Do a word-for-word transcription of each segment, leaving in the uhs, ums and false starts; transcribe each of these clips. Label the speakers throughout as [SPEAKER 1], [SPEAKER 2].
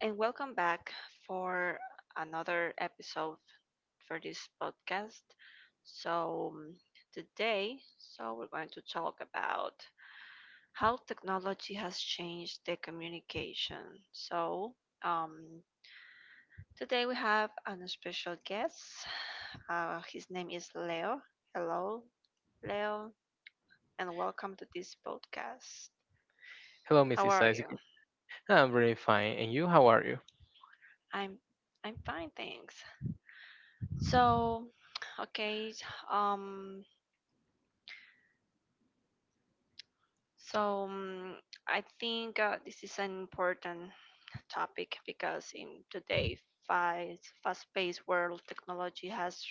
[SPEAKER 1] and welcome back for another episode for this podcast. So, um, Today, so we're going to talk about how technology has changed the communication. So, um, Today we have an special guest. Uh, his name is Leo. Hello, Leo, and welcome to this podcast.
[SPEAKER 2] Hello,
[SPEAKER 1] How
[SPEAKER 2] missus
[SPEAKER 1] are you?
[SPEAKER 2] Isaac. I'm very fine. And you, how are you?
[SPEAKER 1] I'm I'm fine, thanks. So, okay, um, so mm, I think uh, this is an important topic because in today's fast, fast-paced world, technology has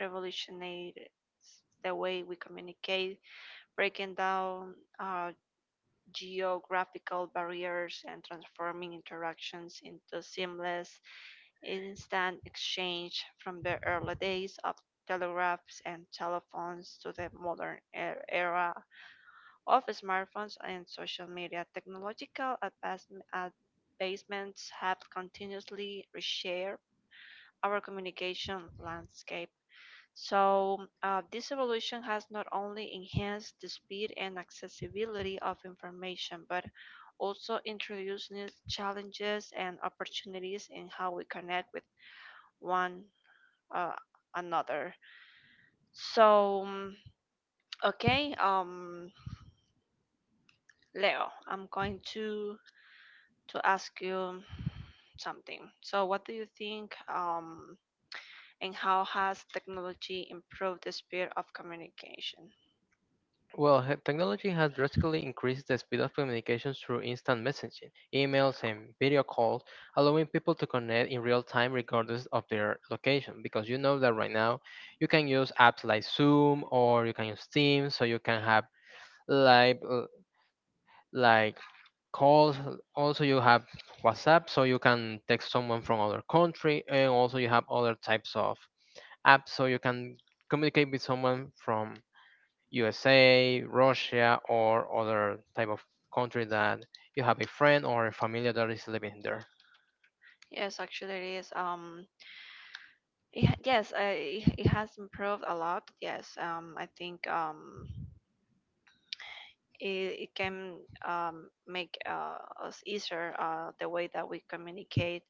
[SPEAKER 1] revolutionized the way we communicate, breaking down uh, geographical barriers and transforming interactions into seamless instant exchange from the early days of telegraphs and telephones to the modern e- era of smartphones and social media. Technological advancem- advancements have continuously reshaped our communication landscape. So, uh, this evolution has not only enhanced the speed and accessibility of information, but also introduced new challenges and opportunities in how we connect with one uh, another. So, mm, okay, um, Leo, I'm going to to ask you something. So, what do you think, um, and how has technology improved the speed of communication?
[SPEAKER 2] Well, he- technology has drastically increased the speed of communications through instant messaging, emails, and video calls, allowing people to connect in real time regardless of their location. Because you know that right now you can use apps like Zoom or you can use Teams, so you can have live uh, like calls. Also, you have WhatsApp, so you can text someone from other country, and also you have other types of app so you can communicate with someone from U S A, Russia, or other type of country that you have a friend or a family that is living there.
[SPEAKER 1] Yes, actually, it is. Um, it, ha- yes, uh, it, it has improved a lot. Yes, um, I think um, it, it can um, make uh, us easier uh, the way that we communicate.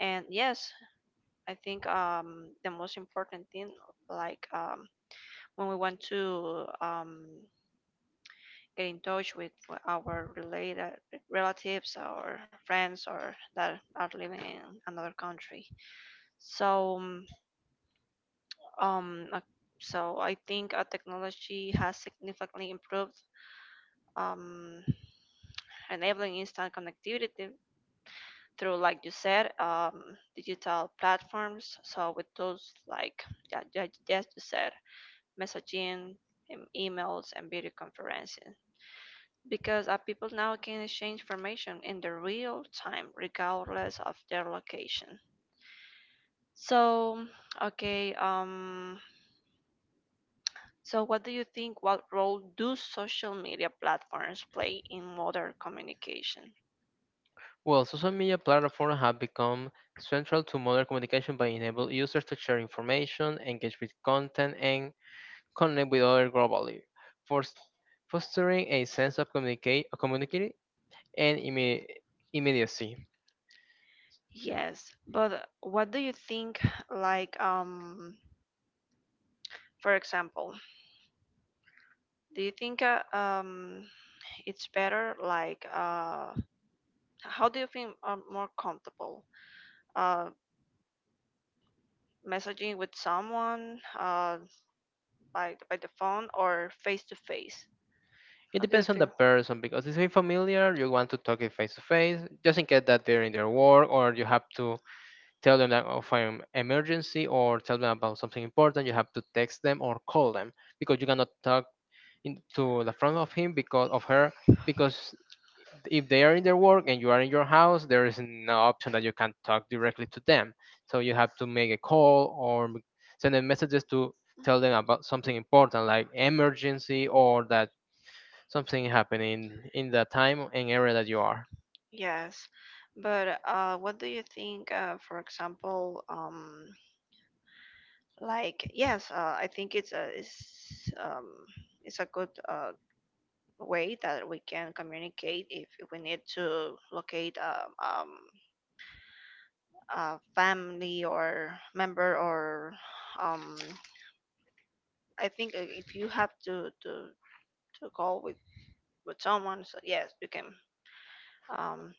[SPEAKER 1] And yes, I think um, the most important thing, like um, when we want to um, get in touch with w- our related relatives or friends or that are living in another country. So, um, um, uh, so I think uh, technology has significantly improved, um, enabling instant connectivity through, like you said, um, digital platforms. So with tools like yeah, yeah, yes, you said messaging, em- emails, and video conferencing. Because uh, people now can exchange information in the real time, regardless of their location. So, okay, um, so what do you think? What role do social media platforms play in modern communication?
[SPEAKER 2] Well, social media platforms have become central to modern communication by enabling users to share information, engage with content, and connect with others globally, fors- fostering a sense of communicate, communicate and imme- immediacy.
[SPEAKER 1] Yes, but what do you think? Like, um, for example, do you think uh, um, it's better? Like, uh, how do you feel uh, more comfortable uh, messaging with someone uh, by by the phone or face to face.
[SPEAKER 2] It
[SPEAKER 1] How do you
[SPEAKER 2] depends on the
[SPEAKER 1] feel?
[SPEAKER 2] person because if you're familiar, you want to talk it face to face, just in case that they're in their work or you have to tell them that of an emergency or tell them about something important, you have to text them or call them because you cannot talk in, to the front of him because of her. Because if they are in their work and you are in your house, there is no option that you can talk directly to them. So you have to make a call or send them messages to tell them about something important like emergency or that something happening in that time and area that you are.
[SPEAKER 1] Yes, but uh, what do you think? Uh, for example, um, like yes, uh, I think it's a it's um, it's a good uh, way that we can communicate if if we need to locate a, um, a family or member or um, I think uh, if you have to to to call with with someone so yes you can um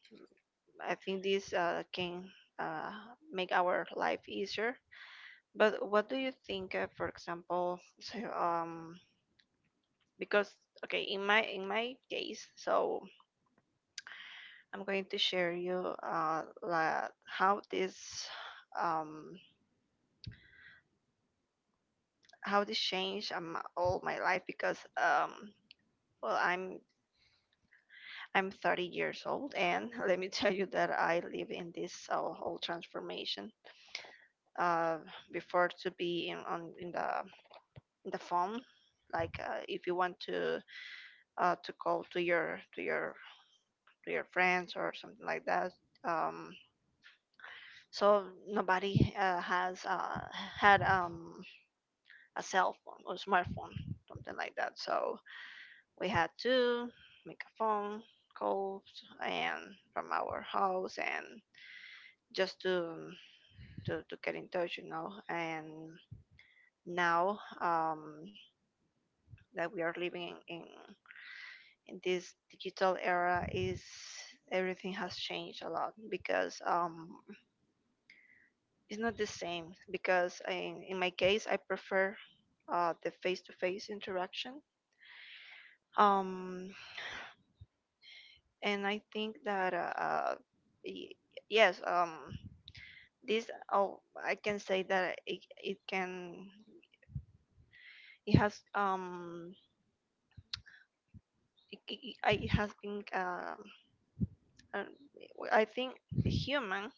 [SPEAKER 1] I think this uh can uh make our life easier. But what do you think uh, for example? So, um, because okay in my in my case, so I'm going to share you uh la, how this um how this changed um, all my life because um well i'm i'm thirty years old and let me tell you that I live in this uh, whole transformation uh, before to be in on in the in the phone. Like uh, if you want to uh, to call to your to your to your friends or something like that. Um, so nobody uh, has uh, had um, a cell phone or smartphone, something like that. So we had to make a phone calls and from our house and just to to, to get in touch, you know. And now, um, that we are living in in this digital era is everything has changed a lot because um it's not the same because in, in my case I prefer uh, the face-to-face interaction um, and I think that uh, uh, y- yes um this oh I can say that it, it can it has um it, it, it I- it has been um uh, I think the human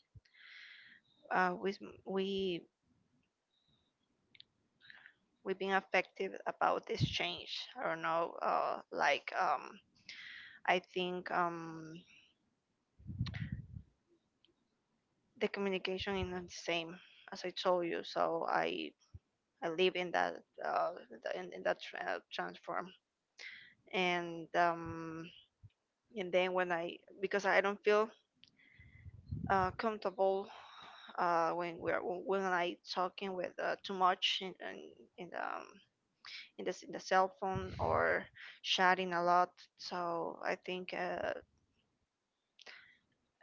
[SPEAKER 1] uh, we we we've been affected about this change. I don't know, uh, like um, I think um, the communication is not the same as I told you. So I I live in that uh, the- in, in that tra- uh, transform, and um, and then when I, because I don't feel uh, comfortable uh, when we're when I talking with uh, too much in in, in the um, in the, in the cell phone or chatting a lot. So I think. Uh,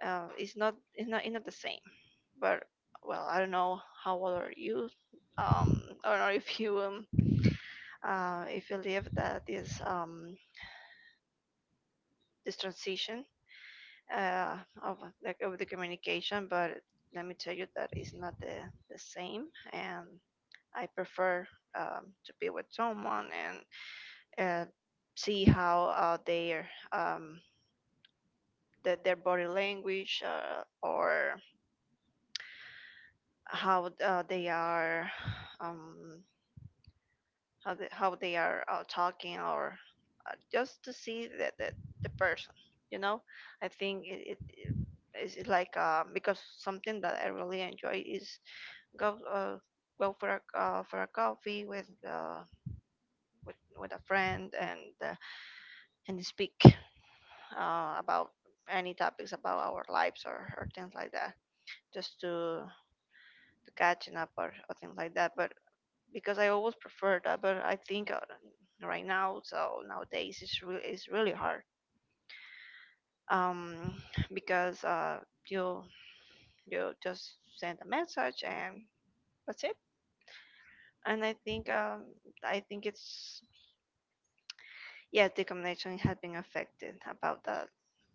[SPEAKER 1] uh, It's not it's not it's not the same. But well, I don't know how old are you. Um, I don't know if you um uh if you live that is um this transition uh of like of the communication. But let me tell you that it's not the the same, and I prefer um to be with someone and uh see how uh their um the, their body language uh, or how uh, they are um, how they, how they are uh, talking or uh, just to see that the, the person you know I think it, it is like uh, because something that I really enjoy is go uh, go for a uh, for a coffee with uh, with with a friend and uh, and speak uh, about any topics about our lives or, or things like that, just to to catching up or, or things like that. But because I always prefer that, but I think uh, right now, so nowadays it's really it's really hard. Um, because uh, you you just send a message and that's it. And I think um, I think it's yeah the communication has been affected about that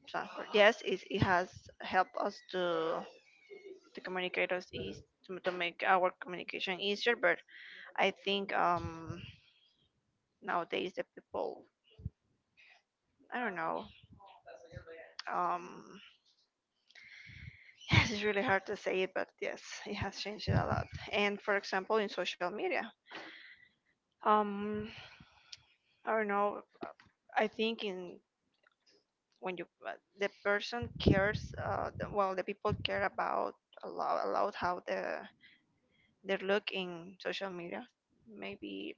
[SPEAKER 1] transport. Yes, it, it has helped us to to communicate us eas to, to make our communication easier. But I think um nowadays the people I don't know um. Yes, it's really hard to say it, but yes, it has changed a lot. And for example, in social media, um, I don't know. I think in when you uh, the- person cares, uh, the- well, the people care about a lot, a lot how the their look in social media. Maybe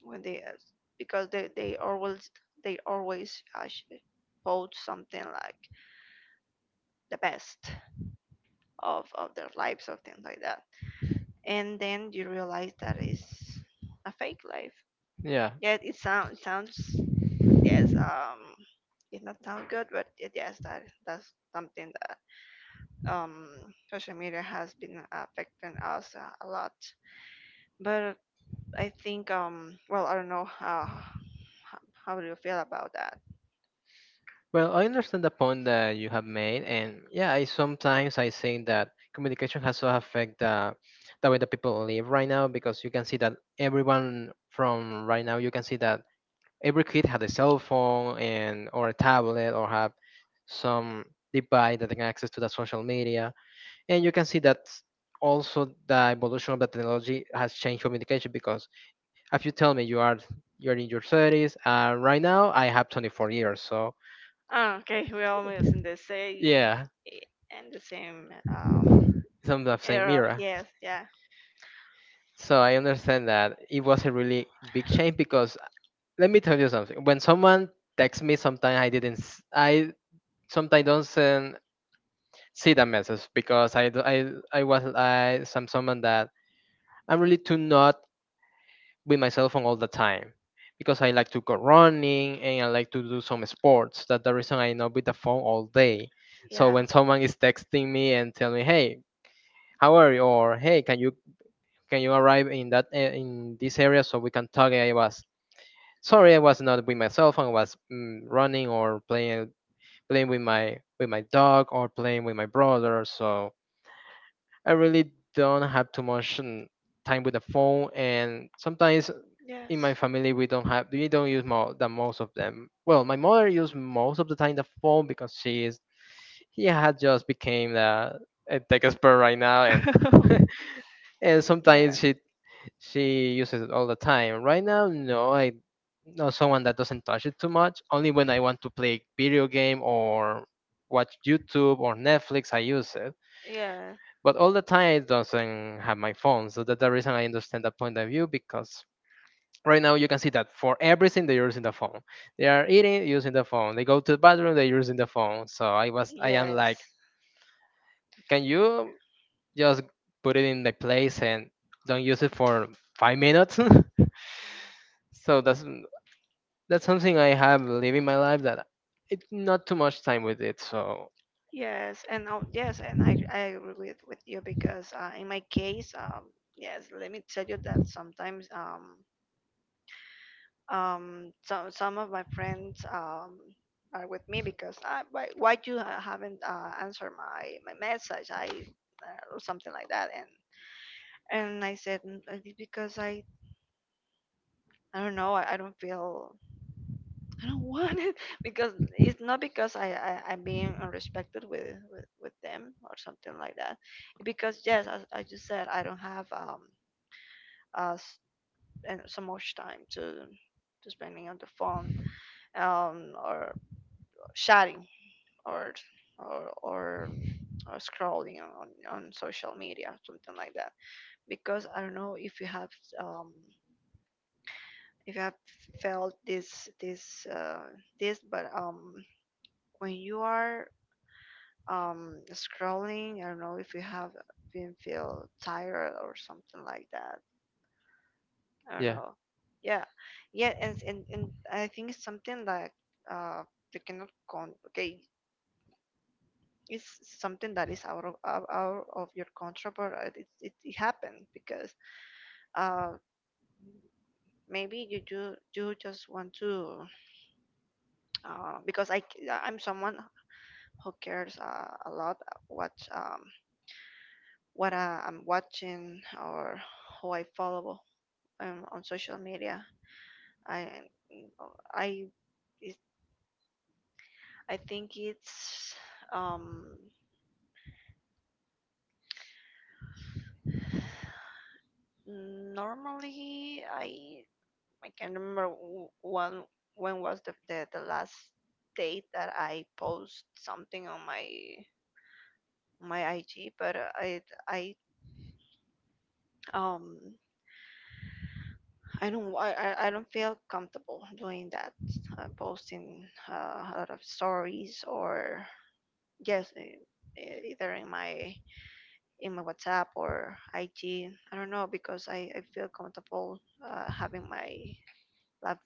[SPEAKER 1] when they uh, because they they always they always uh, sh- post something like the best of of their lives or things like that. And then you realize that it's a fake life.
[SPEAKER 2] Yeah.
[SPEAKER 1] Yet it sound Sounds yes um it not sound good, but it, yes that that's something that um social media has been affecting us uh, a lot. But I think um well I don't know how how, how do you feel about that?
[SPEAKER 2] Well, I understand the point that you have made, and yeah, I sometimes I think that communication has to affect the the way that people live right now because you can see that everyone from right now you can see that every kid had a cell phone and or a tablet or have some device that they can access to the social media, and you can see that also the evolution of the technology has changed communication because if you tell me you are you're in your thirties and right now I have twenty-four years, so
[SPEAKER 1] Ah, okay, we're almost in the same
[SPEAKER 2] yeah,
[SPEAKER 1] i- and the same um
[SPEAKER 2] something of same
[SPEAKER 1] era.
[SPEAKER 2] era.
[SPEAKER 1] Yes, yeah,
[SPEAKER 2] So I understand that it was a really big change because let me tell you something, when someone texts me sometimes I didn't s- i sometimes don't send, see the message because i d- i, I was I some someone that I'm really too not with my cell phone all the time because I like to go running and I like to do some sports. That's the reason I'm not with the phone all day. So
[SPEAKER 1] yeah,
[SPEAKER 2] when someone is texting me and tell me, "Hey, how are you?" or "Hey, can you can you arrive in that a- in this area so we can talk?" I was sorry, I was not with my cell phone. I was mm, running or playing playing with my with my dog or playing with my brother. So I really don't have too much um, time with the phone, and sometimes in my
[SPEAKER 1] yes,
[SPEAKER 2] family we don't have we don't use more the most of them. Well, my mother used most of the time the phone because she is he had just became the a tech expert right now, and and sometimes
[SPEAKER 1] yes.
[SPEAKER 2] she she uses it all the time. Right now, no, I know someone that doesn't touch it too much. Only when I want to play video game or watch YouTube or Netflix, I use it.
[SPEAKER 1] Yeah.
[SPEAKER 2] But all the time I doesn't have my phone, so that's the reason I understand that point of view because right now you can see that for everything they're using the phone. They are eating using the phone. They go to the bathroom, they're using the phone. So I was I am
[SPEAKER 1] Yes.
[SPEAKER 2] like, can you just put it in the place and don't use it for five minutes? So that's that's something I have living my life that it not too much time with it. So
[SPEAKER 1] Yes. And oh, yes. And I I agree with, with you because uh, in my case, um, yes. Let me tell you that sometimes um um some some of my friends um are with me because I why why you uh, haven't uh, answered my my message I uh, or something like that, and and I said, "Mm, uh, because I I don't know I, I don't feel. I don't want it." Because it's not because I, I I'm being unrespected with, with with them or something like that. Because yes, as I just said, I don't have um uh s- and so much time to to spending on the phone um or chatting or or or, or scrolling on on social media something like that. Because I don't know if you have um if you have felt this this uh this but um when you are um scrolling I don't know if you have been feel tired or something like that. I don't
[SPEAKER 2] yeah.
[SPEAKER 1] know. Yeah, yeah, and and, and I think it's something that uh you cannot con okay it's something that is out of out, out of your control but uh, it, it, it happened because uh maybe you do do just want to uh because i c- I'm someone who cares uh, a lot what um what uh, I'm watching or who I follow um, on social media. I I it- I think it's um normally I I can't remember wh- when when was the, the the last date that I post something on my my I G, but uh, I I um I don't I I I don't feel comfortable doing that uh, posting uh, a lot of stories or yes e- e- either in my in my WhatsApp or I G. I don't know because I, I feel comfortable uh, having my life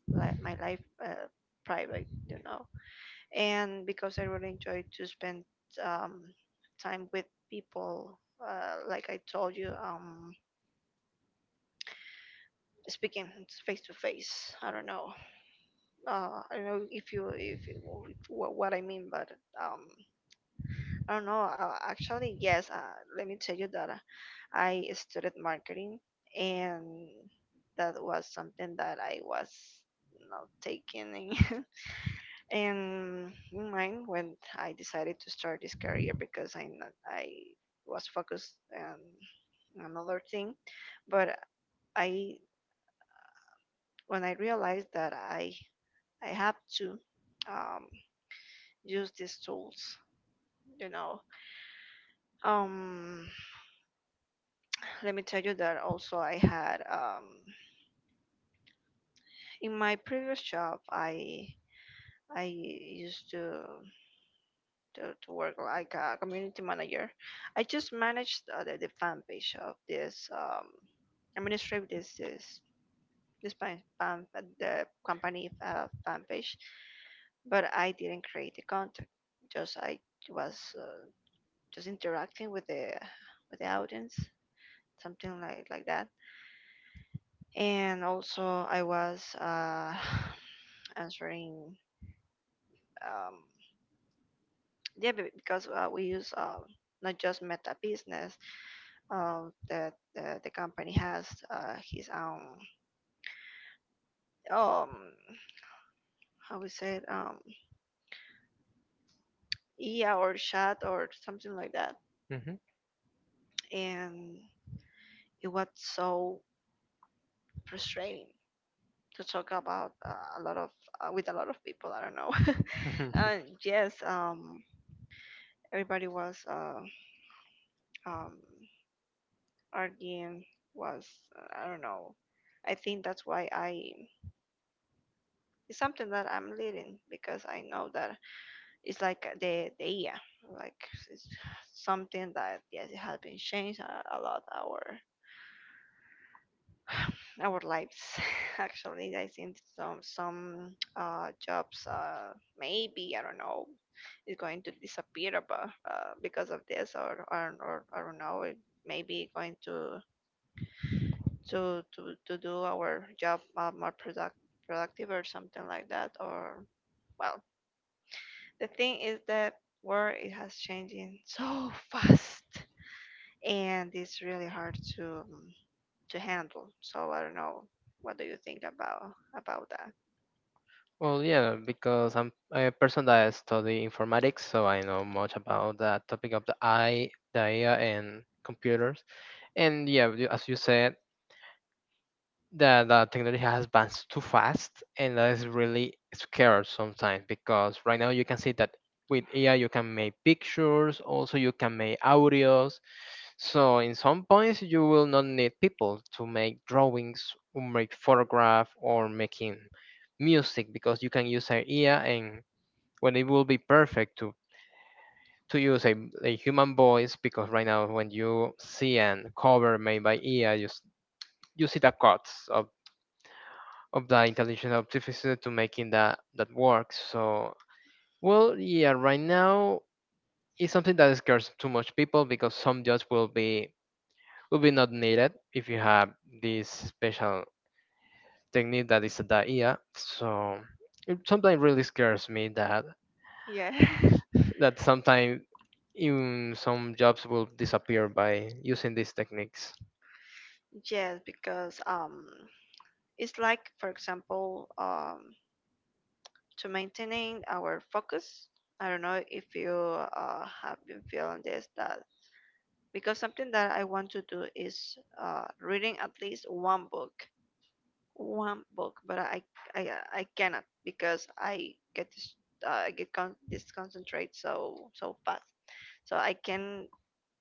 [SPEAKER 1] my life uh, private, you know, and because I really enjoy to spend um, time with people. Uh, like I told you, um, speaking face to face. I don't know. Uh, I don't know if you if you, wh- what I mean, but um, I don't know. Uh, actually, yes. Uh, let me tell you that. I studied marketing, and that was something that I was not taking in, in in mind when I decided to start this career because I not, I was focused on another thing, but I when I realized that I I have to um, use these tools, you know. Um, Let me tell you that also I had um, in my previous job I I used to, to to work like a community manager. I just managed uh, the, the fan page of this um administrative this this this fan, fan the company uh, fan page, but I didn't create the content. Just I was uh, just interacting with the with the audience, something like like that. And also I was uh, answering um yeah be- because uh, we use um not just meta business, uh, that the, the company has uh, his own um how we say it, um yeah, or chat or something like that. And it was so frustrating to talk about uh, a lot of uh, with a lot of people I don't know.
[SPEAKER 2] Hmm.
[SPEAKER 1] And yes, um everybody was uh, um arguing, was uh, I don't know. I think that's why I it's something that I'm leading because I know that it's like the the yeah, like it's something that, yes, it has been changed a, a lot our our lives. Actually I think some some uh jobs, uh maybe I don't know, is going to disappear about uh, because of this, or, or or I don't know, it maybe going to to to to do our job, uh, more product productive or something like that. Or well, the thing is that world it has changing so fast, and it's really hard to um, to handle. So I don't know. What do you think about about that?
[SPEAKER 2] Well, yeah, because I'm a person that study informatics, so I know much about that topic of the eye, the A I, and computers. And yeah, you- as you said, the the technology has advanced too fast and that is really scared sometimes because right now you can see that with A I you can make pictures, also you can make audios. So in some points you will not need people to make drawings or make photograph or making music because you can use an A I and when it will be perfect to to use a, a human voice because right now when you see an cover made by A I you s- you see the cuts of of the intelligent artificer to making that that work. So well, yeah, right now it's something that scares too much people because some jobs will be will be not needed if you have this special technique that is the I A. So it sometimes really scares me that
[SPEAKER 1] Yeah.
[SPEAKER 2] that sometimes even some jobs will disappear by using these techniques.
[SPEAKER 1] Yes, because um, it's like, for example, um, to maintaining our focus. I don't know if you uh, have been feeling this, that because something that I want to do is uh, reading at least one book, one book, but I I I cannot because I get this, uh, I get con- disconcentrate so so fast. So I can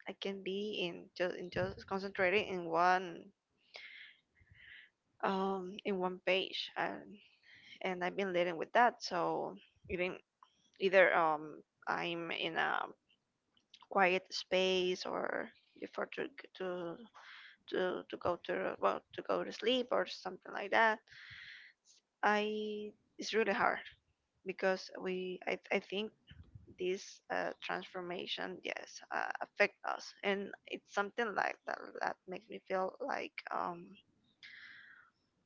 [SPEAKER 1] I can be in just, in just concentrating in one, um in one page. and and I've been leading with that. So even, either, um I'm in a quiet space or before to to to, to go to, well, to go to sleep or something like that, I it's really hard. Because we, I, I think this, uh, transformation, yes, uh, affect us, and it's something like that that makes me feel like, um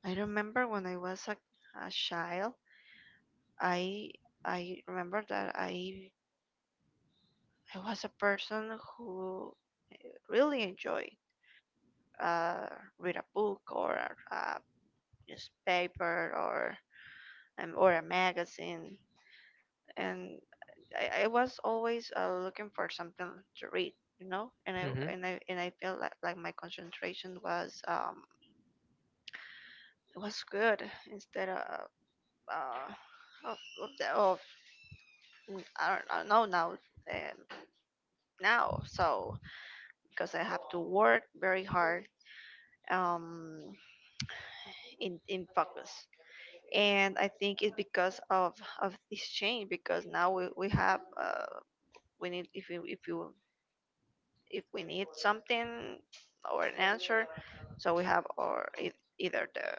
[SPEAKER 1] I remember when I was a, a child, I I remember that I I was a person who really enjoyed uh read a book or a newspaper or, um, or a magazine. And I, I was always, uh, looking for something to read, you know. And I
[SPEAKER 2] Mm-hmm.
[SPEAKER 1] and I and I feel like, like my concentration was um was good, instead of uh of, of, the, of mm, I don't, I don't know now, um, now. So because I have to work very hard um in in focus, and I think it's because of of this change, because now we we have uh we need, if you if you if we need something or an answer. So we have or e- either the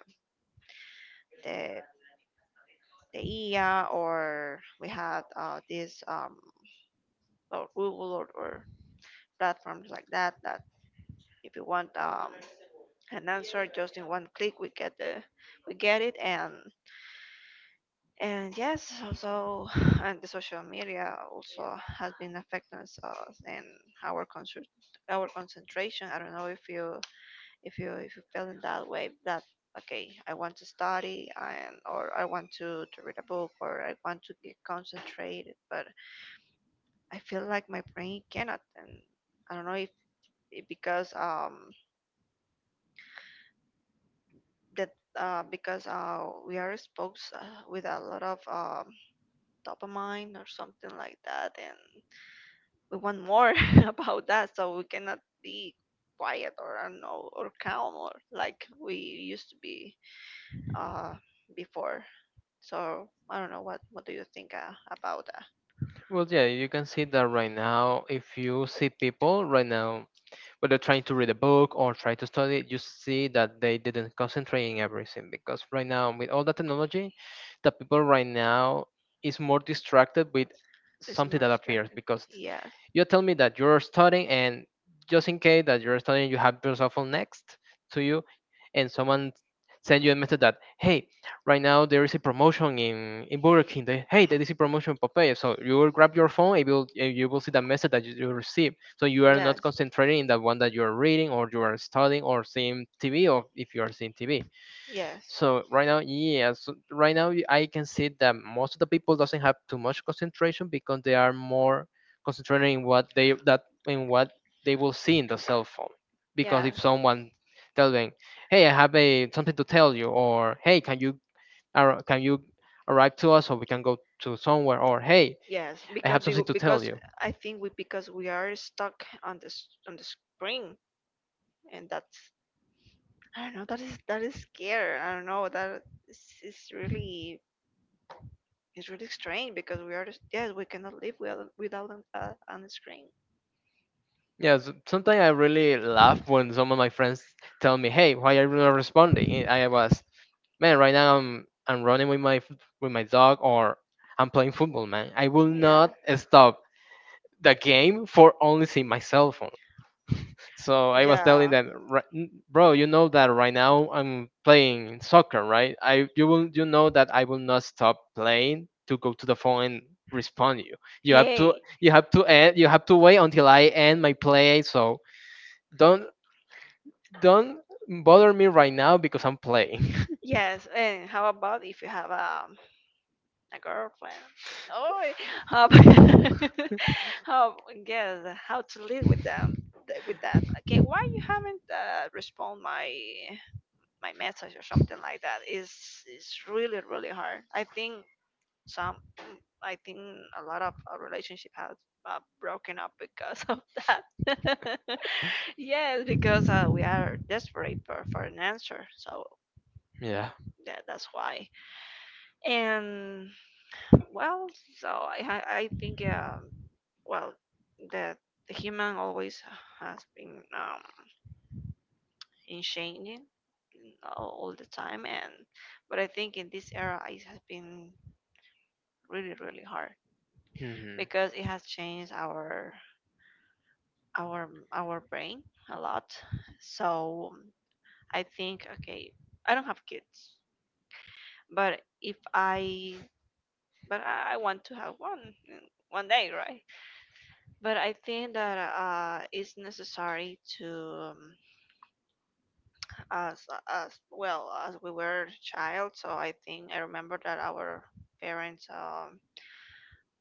[SPEAKER 1] the the I A, or we had, uh, this, um, or Google, or, or platforms like that, that if you want, um, an answer just in one click, we get the we get it. and and yes, also and the social media also has been affecting us, uh, and our concert our concentration. I don't know if you if you if you feel in that way, that okay, I want to study and, or I want to, to read a book or I want to get concentrated, but I feel like my brain cannot. And I don't know if it- because um that uh, because uh, we are exposed uh, with a lot of, um, dopamine or something like that, and we want more about that. So we cannot be quiet, or I don't know, or calm, or like we used to be, uh, before. So I don't know what what do you think, uh, about that?
[SPEAKER 2] Well, yeah, you can see that right now. If you see people right now, when they're trying to read a book or try to study, you see that they didn't concentrate in everything because right now, with all the technology, the people right now is more distracted with
[SPEAKER 1] It's
[SPEAKER 2] something
[SPEAKER 1] more
[SPEAKER 2] that appears
[SPEAKER 1] distracting.
[SPEAKER 2] because
[SPEAKER 1] Yes,
[SPEAKER 2] you tell me that you're studying and just in case that you're studying, you have your cell phone next to you and someone send you a message that, hey, right now there is a promotion in, in Burger King. They, hey, there is a promotion Popeye. So you will grab your phone and you will, and you will see the message that you, you receive. So you are not
[SPEAKER 1] yes,
[SPEAKER 2] concentrating in the one that you are reading or you are studying or seeing T V or if you are seeing T V.
[SPEAKER 1] yes,
[SPEAKER 2] So right now, yes, right now y- I can see that most of the people doesn't have too much concentration because they are more concentrating in what they that in what they will see in the cell phone. Because if
[SPEAKER 1] yes,
[SPEAKER 2] someone tells them, hey, I have a something to tell you, or hey, can you Ar- can you arrive to us or we can go to somewhere? Or hey,
[SPEAKER 1] yes.
[SPEAKER 2] I
[SPEAKER 1] Because
[SPEAKER 2] have
[SPEAKER 1] we,
[SPEAKER 2] something to tell
[SPEAKER 1] because
[SPEAKER 2] you.
[SPEAKER 1] I think we because we are stuck on this on the screen, and that's I don't know. That is that is scary. I don't know. That is, is really it's really strange, because we are just, yes, we cannot live without without an, uh, on the screen.
[SPEAKER 2] Yeah, s sometimes I really laugh when some of my friends tell me, "Hey, why are you not responding?" And I was, man, right now I'm I'm running with my f- with my dog or I'm playing football, man. I will
[SPEAKER 1] Yeah.
[SPEAKER 2] not stop the game for only seeing my cell phone. So I was telling
[SPEAKER 1] Yeah.
[SPEAKER 2] them, "Ri- n- bro, you know that right now I'm playing soccer, right? I you will you know that I will not stop playing to go to the phone and respond you. You have to
[SPEAKER 1] Hey,
[SPEAKER 2] you have to end, you have to wait until I end my play. So don't don't bother me right now because I'm playing."
[SPEAKER 1] yes, and how about if you have a a girlfriend? Oh, how ab- how yes, how to live with them, th- with that? Okay, why you haven't, uh, respond my my message or something like that? Is it's really really hard. I think some, I think a lot of, uh, relationship has, uh, broken up because of that. Yes, because, uh, we are desperate for, for an answer. So
[SPEAKER 2] Yeah.
[SPEAKER 1] that, that's why. And well, so i ha- I think, um well, that the human always has been, um in changing all, all the time. And but I think in this era it has been really really hard,
[SPEAKER 2] Hmm.
[SPEAKER 1] because it has changed our our our brain a lot. So I think okay, I don't have kids, but if I but i I want to have one, uh, one day, right. But I think that, uh, it's necessary to, um, as as well as we were child. So I think I remember that our parents um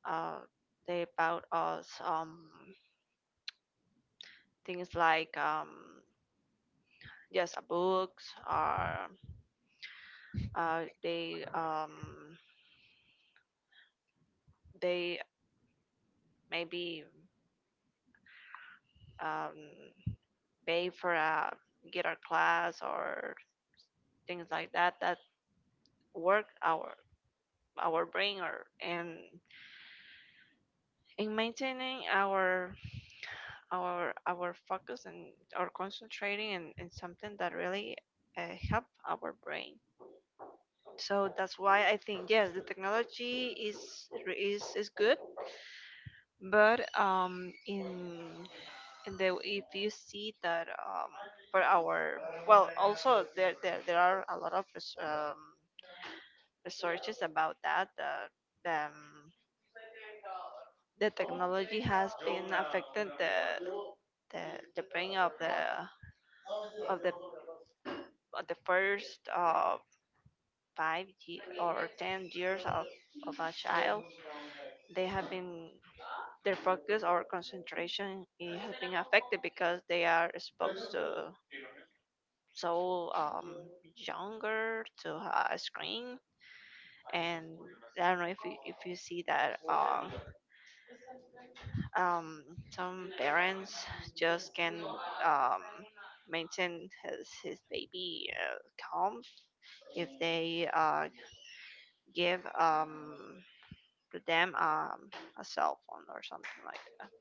[SPEAKER 1] uh they bought us, um things like, um just a books, or uh they um they maybe, um pay for a guitar class, or things like that, that work our our brain or and in maintaining our our our focus and our concentrating and, and something that really, uh, help our brain. So that's why I think yes, the technology is is is good, but um in in the, if you see that, um for our, well, also there there, there are a lot of res- um, researches about that, that, um, the technology has been affecting the the, the brain of the of the of the first, uh, five ye- or ten years of, of a child. They have been their focus or concentration it has been affected because they are exposed to so, um, younger to a screen. And I don't know if you, if you see that, um, um, some parents just can, um, maintain his, his baby, uh, calm, if they, uh, give, um, to them, um, a cell phone or something like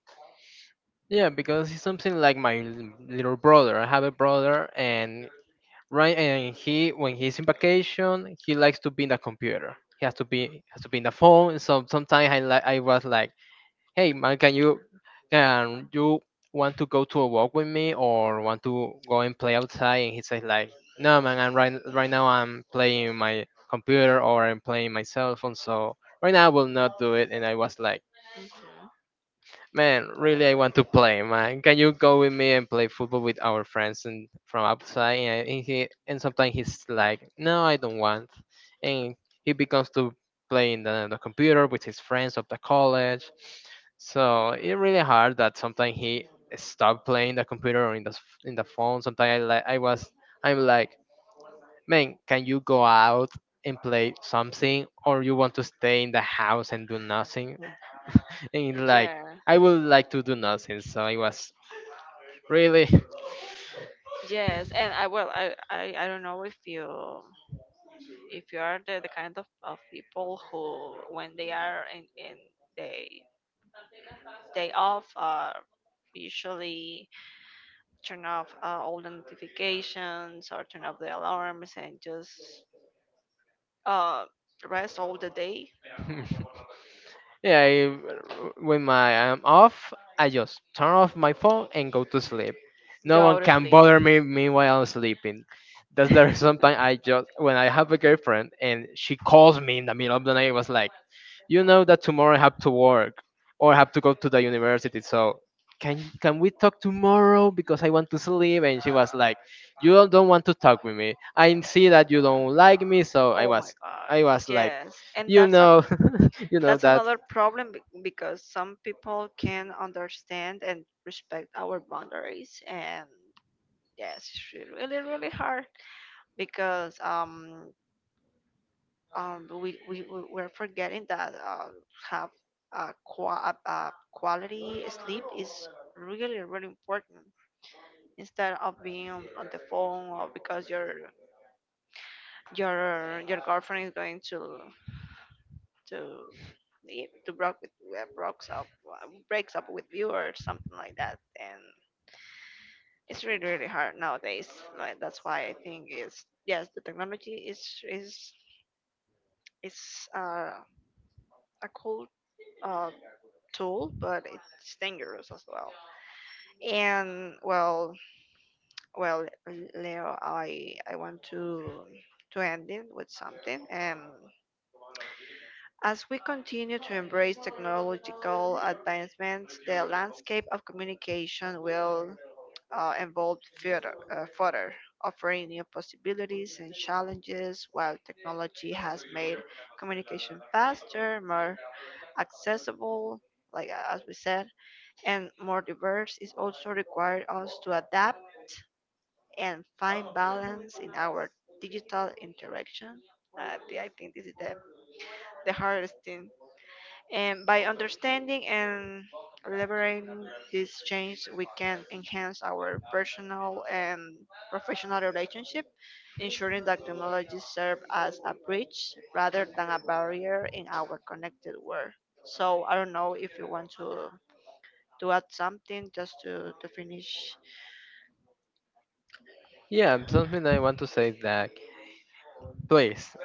[SPEAKER 2] Yeah, because he's something like my l- little brother. I have a brother, and right? And he, when he's in vacation, he likes to be in the computer. He has to be has to be in the phone. So sometimes I like I was like, hey man, can you can you want to go to a walk with me or want to go and play outside? And he says like, no man, I'm right right now I'm playing my computer or I'm playing my cell phone. So right now I will not do it. And I was like
[SPEAKER 1] that. Mhm.
[SPEAKER 2] man, really, I want to play, man. Can you go with me and play football with our friends and from outside? And, uh, and he and sometimes he's like, "No, I don't want," and he becomes to play in the, the computer with his friends of the college. So it's really hard that sometimes he stop playing the computer or in the s- in the phone. Sometimes I like I was I'm like, man, can you go out and play something, or you want to stay in the house and do nothing? And like,
[SPEAKER 1] Yeah.
[SPEAKER 2] I would like to do nothing. So it was really
[SPEAKER 1] Yes, and I well, I, I I don't know if you if you are the, the kind of, of people who when they are in in they day off are usually turn off, uh, all the notifications or turn off the alarms, and just, uh, rest all the day.
[SPEAKER 2] Yeah, I, when my I'm off, I just turn off my phone and go to sleep. No one
[SPEAKER 1] Go to
[SPEAKER 2] can
[SPEAKER 1] sleep.
[SPEAKER 2] bother me meanwhile I'm sleeping. That's the reason sometimes I just when I have a girlfriend and she calls me in the middle of the night, it was like, you know that tomorrow I have to work or I have to go to the university, so can can we talk tomorrow because I want to sleep? And she was like, you don't don't want to talk with me. I see that you don't like me, so I
[SPEAKER 1] Oh my
[SPEAKER 2] was
[SPEAKER 1] god.
[SPEAKER 2] I was like,
[SPEAKER 1] Yes, and
[SPEAKER 2] you
[SPEAKER 1] that's a
[SPEAKER 2] know, you know
[SPEAKER 1] that's
[SPEAKER 2] that
[SPEAKER 1] another problem, be- because some people can understand and respect our boundaries. And yes, it's really really really hard, because um um, we, we, we- we're forgetting that, uh, have a qua- a uh, quality sleep is really, really important, instead of being on, on the phone, or because your your your girlfriend is going to to leave- to break with, uh, breaks up uh, breaks up with you or something like that. And it's really really hard nowadays, like, that's why I think is yes, the technology is is is uh a cool, uh, tool, but it's dangerous as well. And well, well, Leo, I I want to to end it with something. Um, as we continue to embrace technological advancements, the landscape of communication will, uh, evolved further, uh, further, offering new possibilities and challenges. While technology has made communication faster, more accessible, like, uh, as we said, and more diverse, is also required us to adapt and find balance in our digital interaction. Uh, I think this is the, the hardest thing. And by understanding and leveraging these change, we can enhance our personal and professional relationship, ensuring that technology serve as a bridge rather than a barrier in our connected world. So I don't know if you want to to add something just to, to finish.
[SPEAKER 2] Yeah, something I want to say that please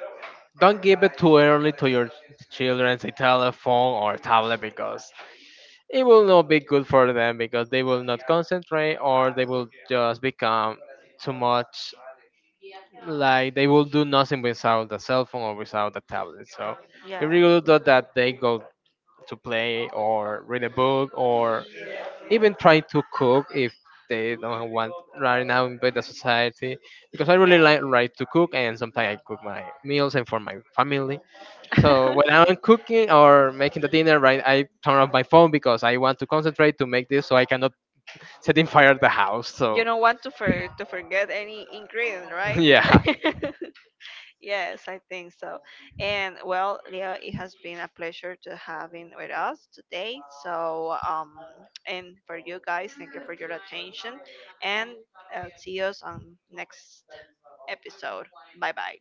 [SPEAKER 2] don't give it too early to your children a telephone or tablet because it will not be good for them because they will not concentrate or they will just become too much like they will do nothing without the cell phone or without the tablet. So if
[SPEAKER 1] Yeah.
[SPEAKER 2] you do that they go to play or read a book or even trying to cook if they don't want right now in the society because I really
[SPEAKER 1] Yeah.
[SPEAKER 2] like like to cook and sometimes I cook my meals and for my family. So when I'm cooking or making the dinner, right, I turn off my phone because I want to concentrate to make this so I cannot set in fire the house.
[SPEAKER 1] You
[SPEAKER 2] So
[SPEAKER 1] don't want to for to forget any ingredient, right?
[SPEAKER 2] yeah.
[SPEAKER 1] Yes, I think so. And well, Leo, it has been a pleasure to having with us today. So um, and for you guys, thank you for your attention, and, uh, see us on next episode. Bye bye.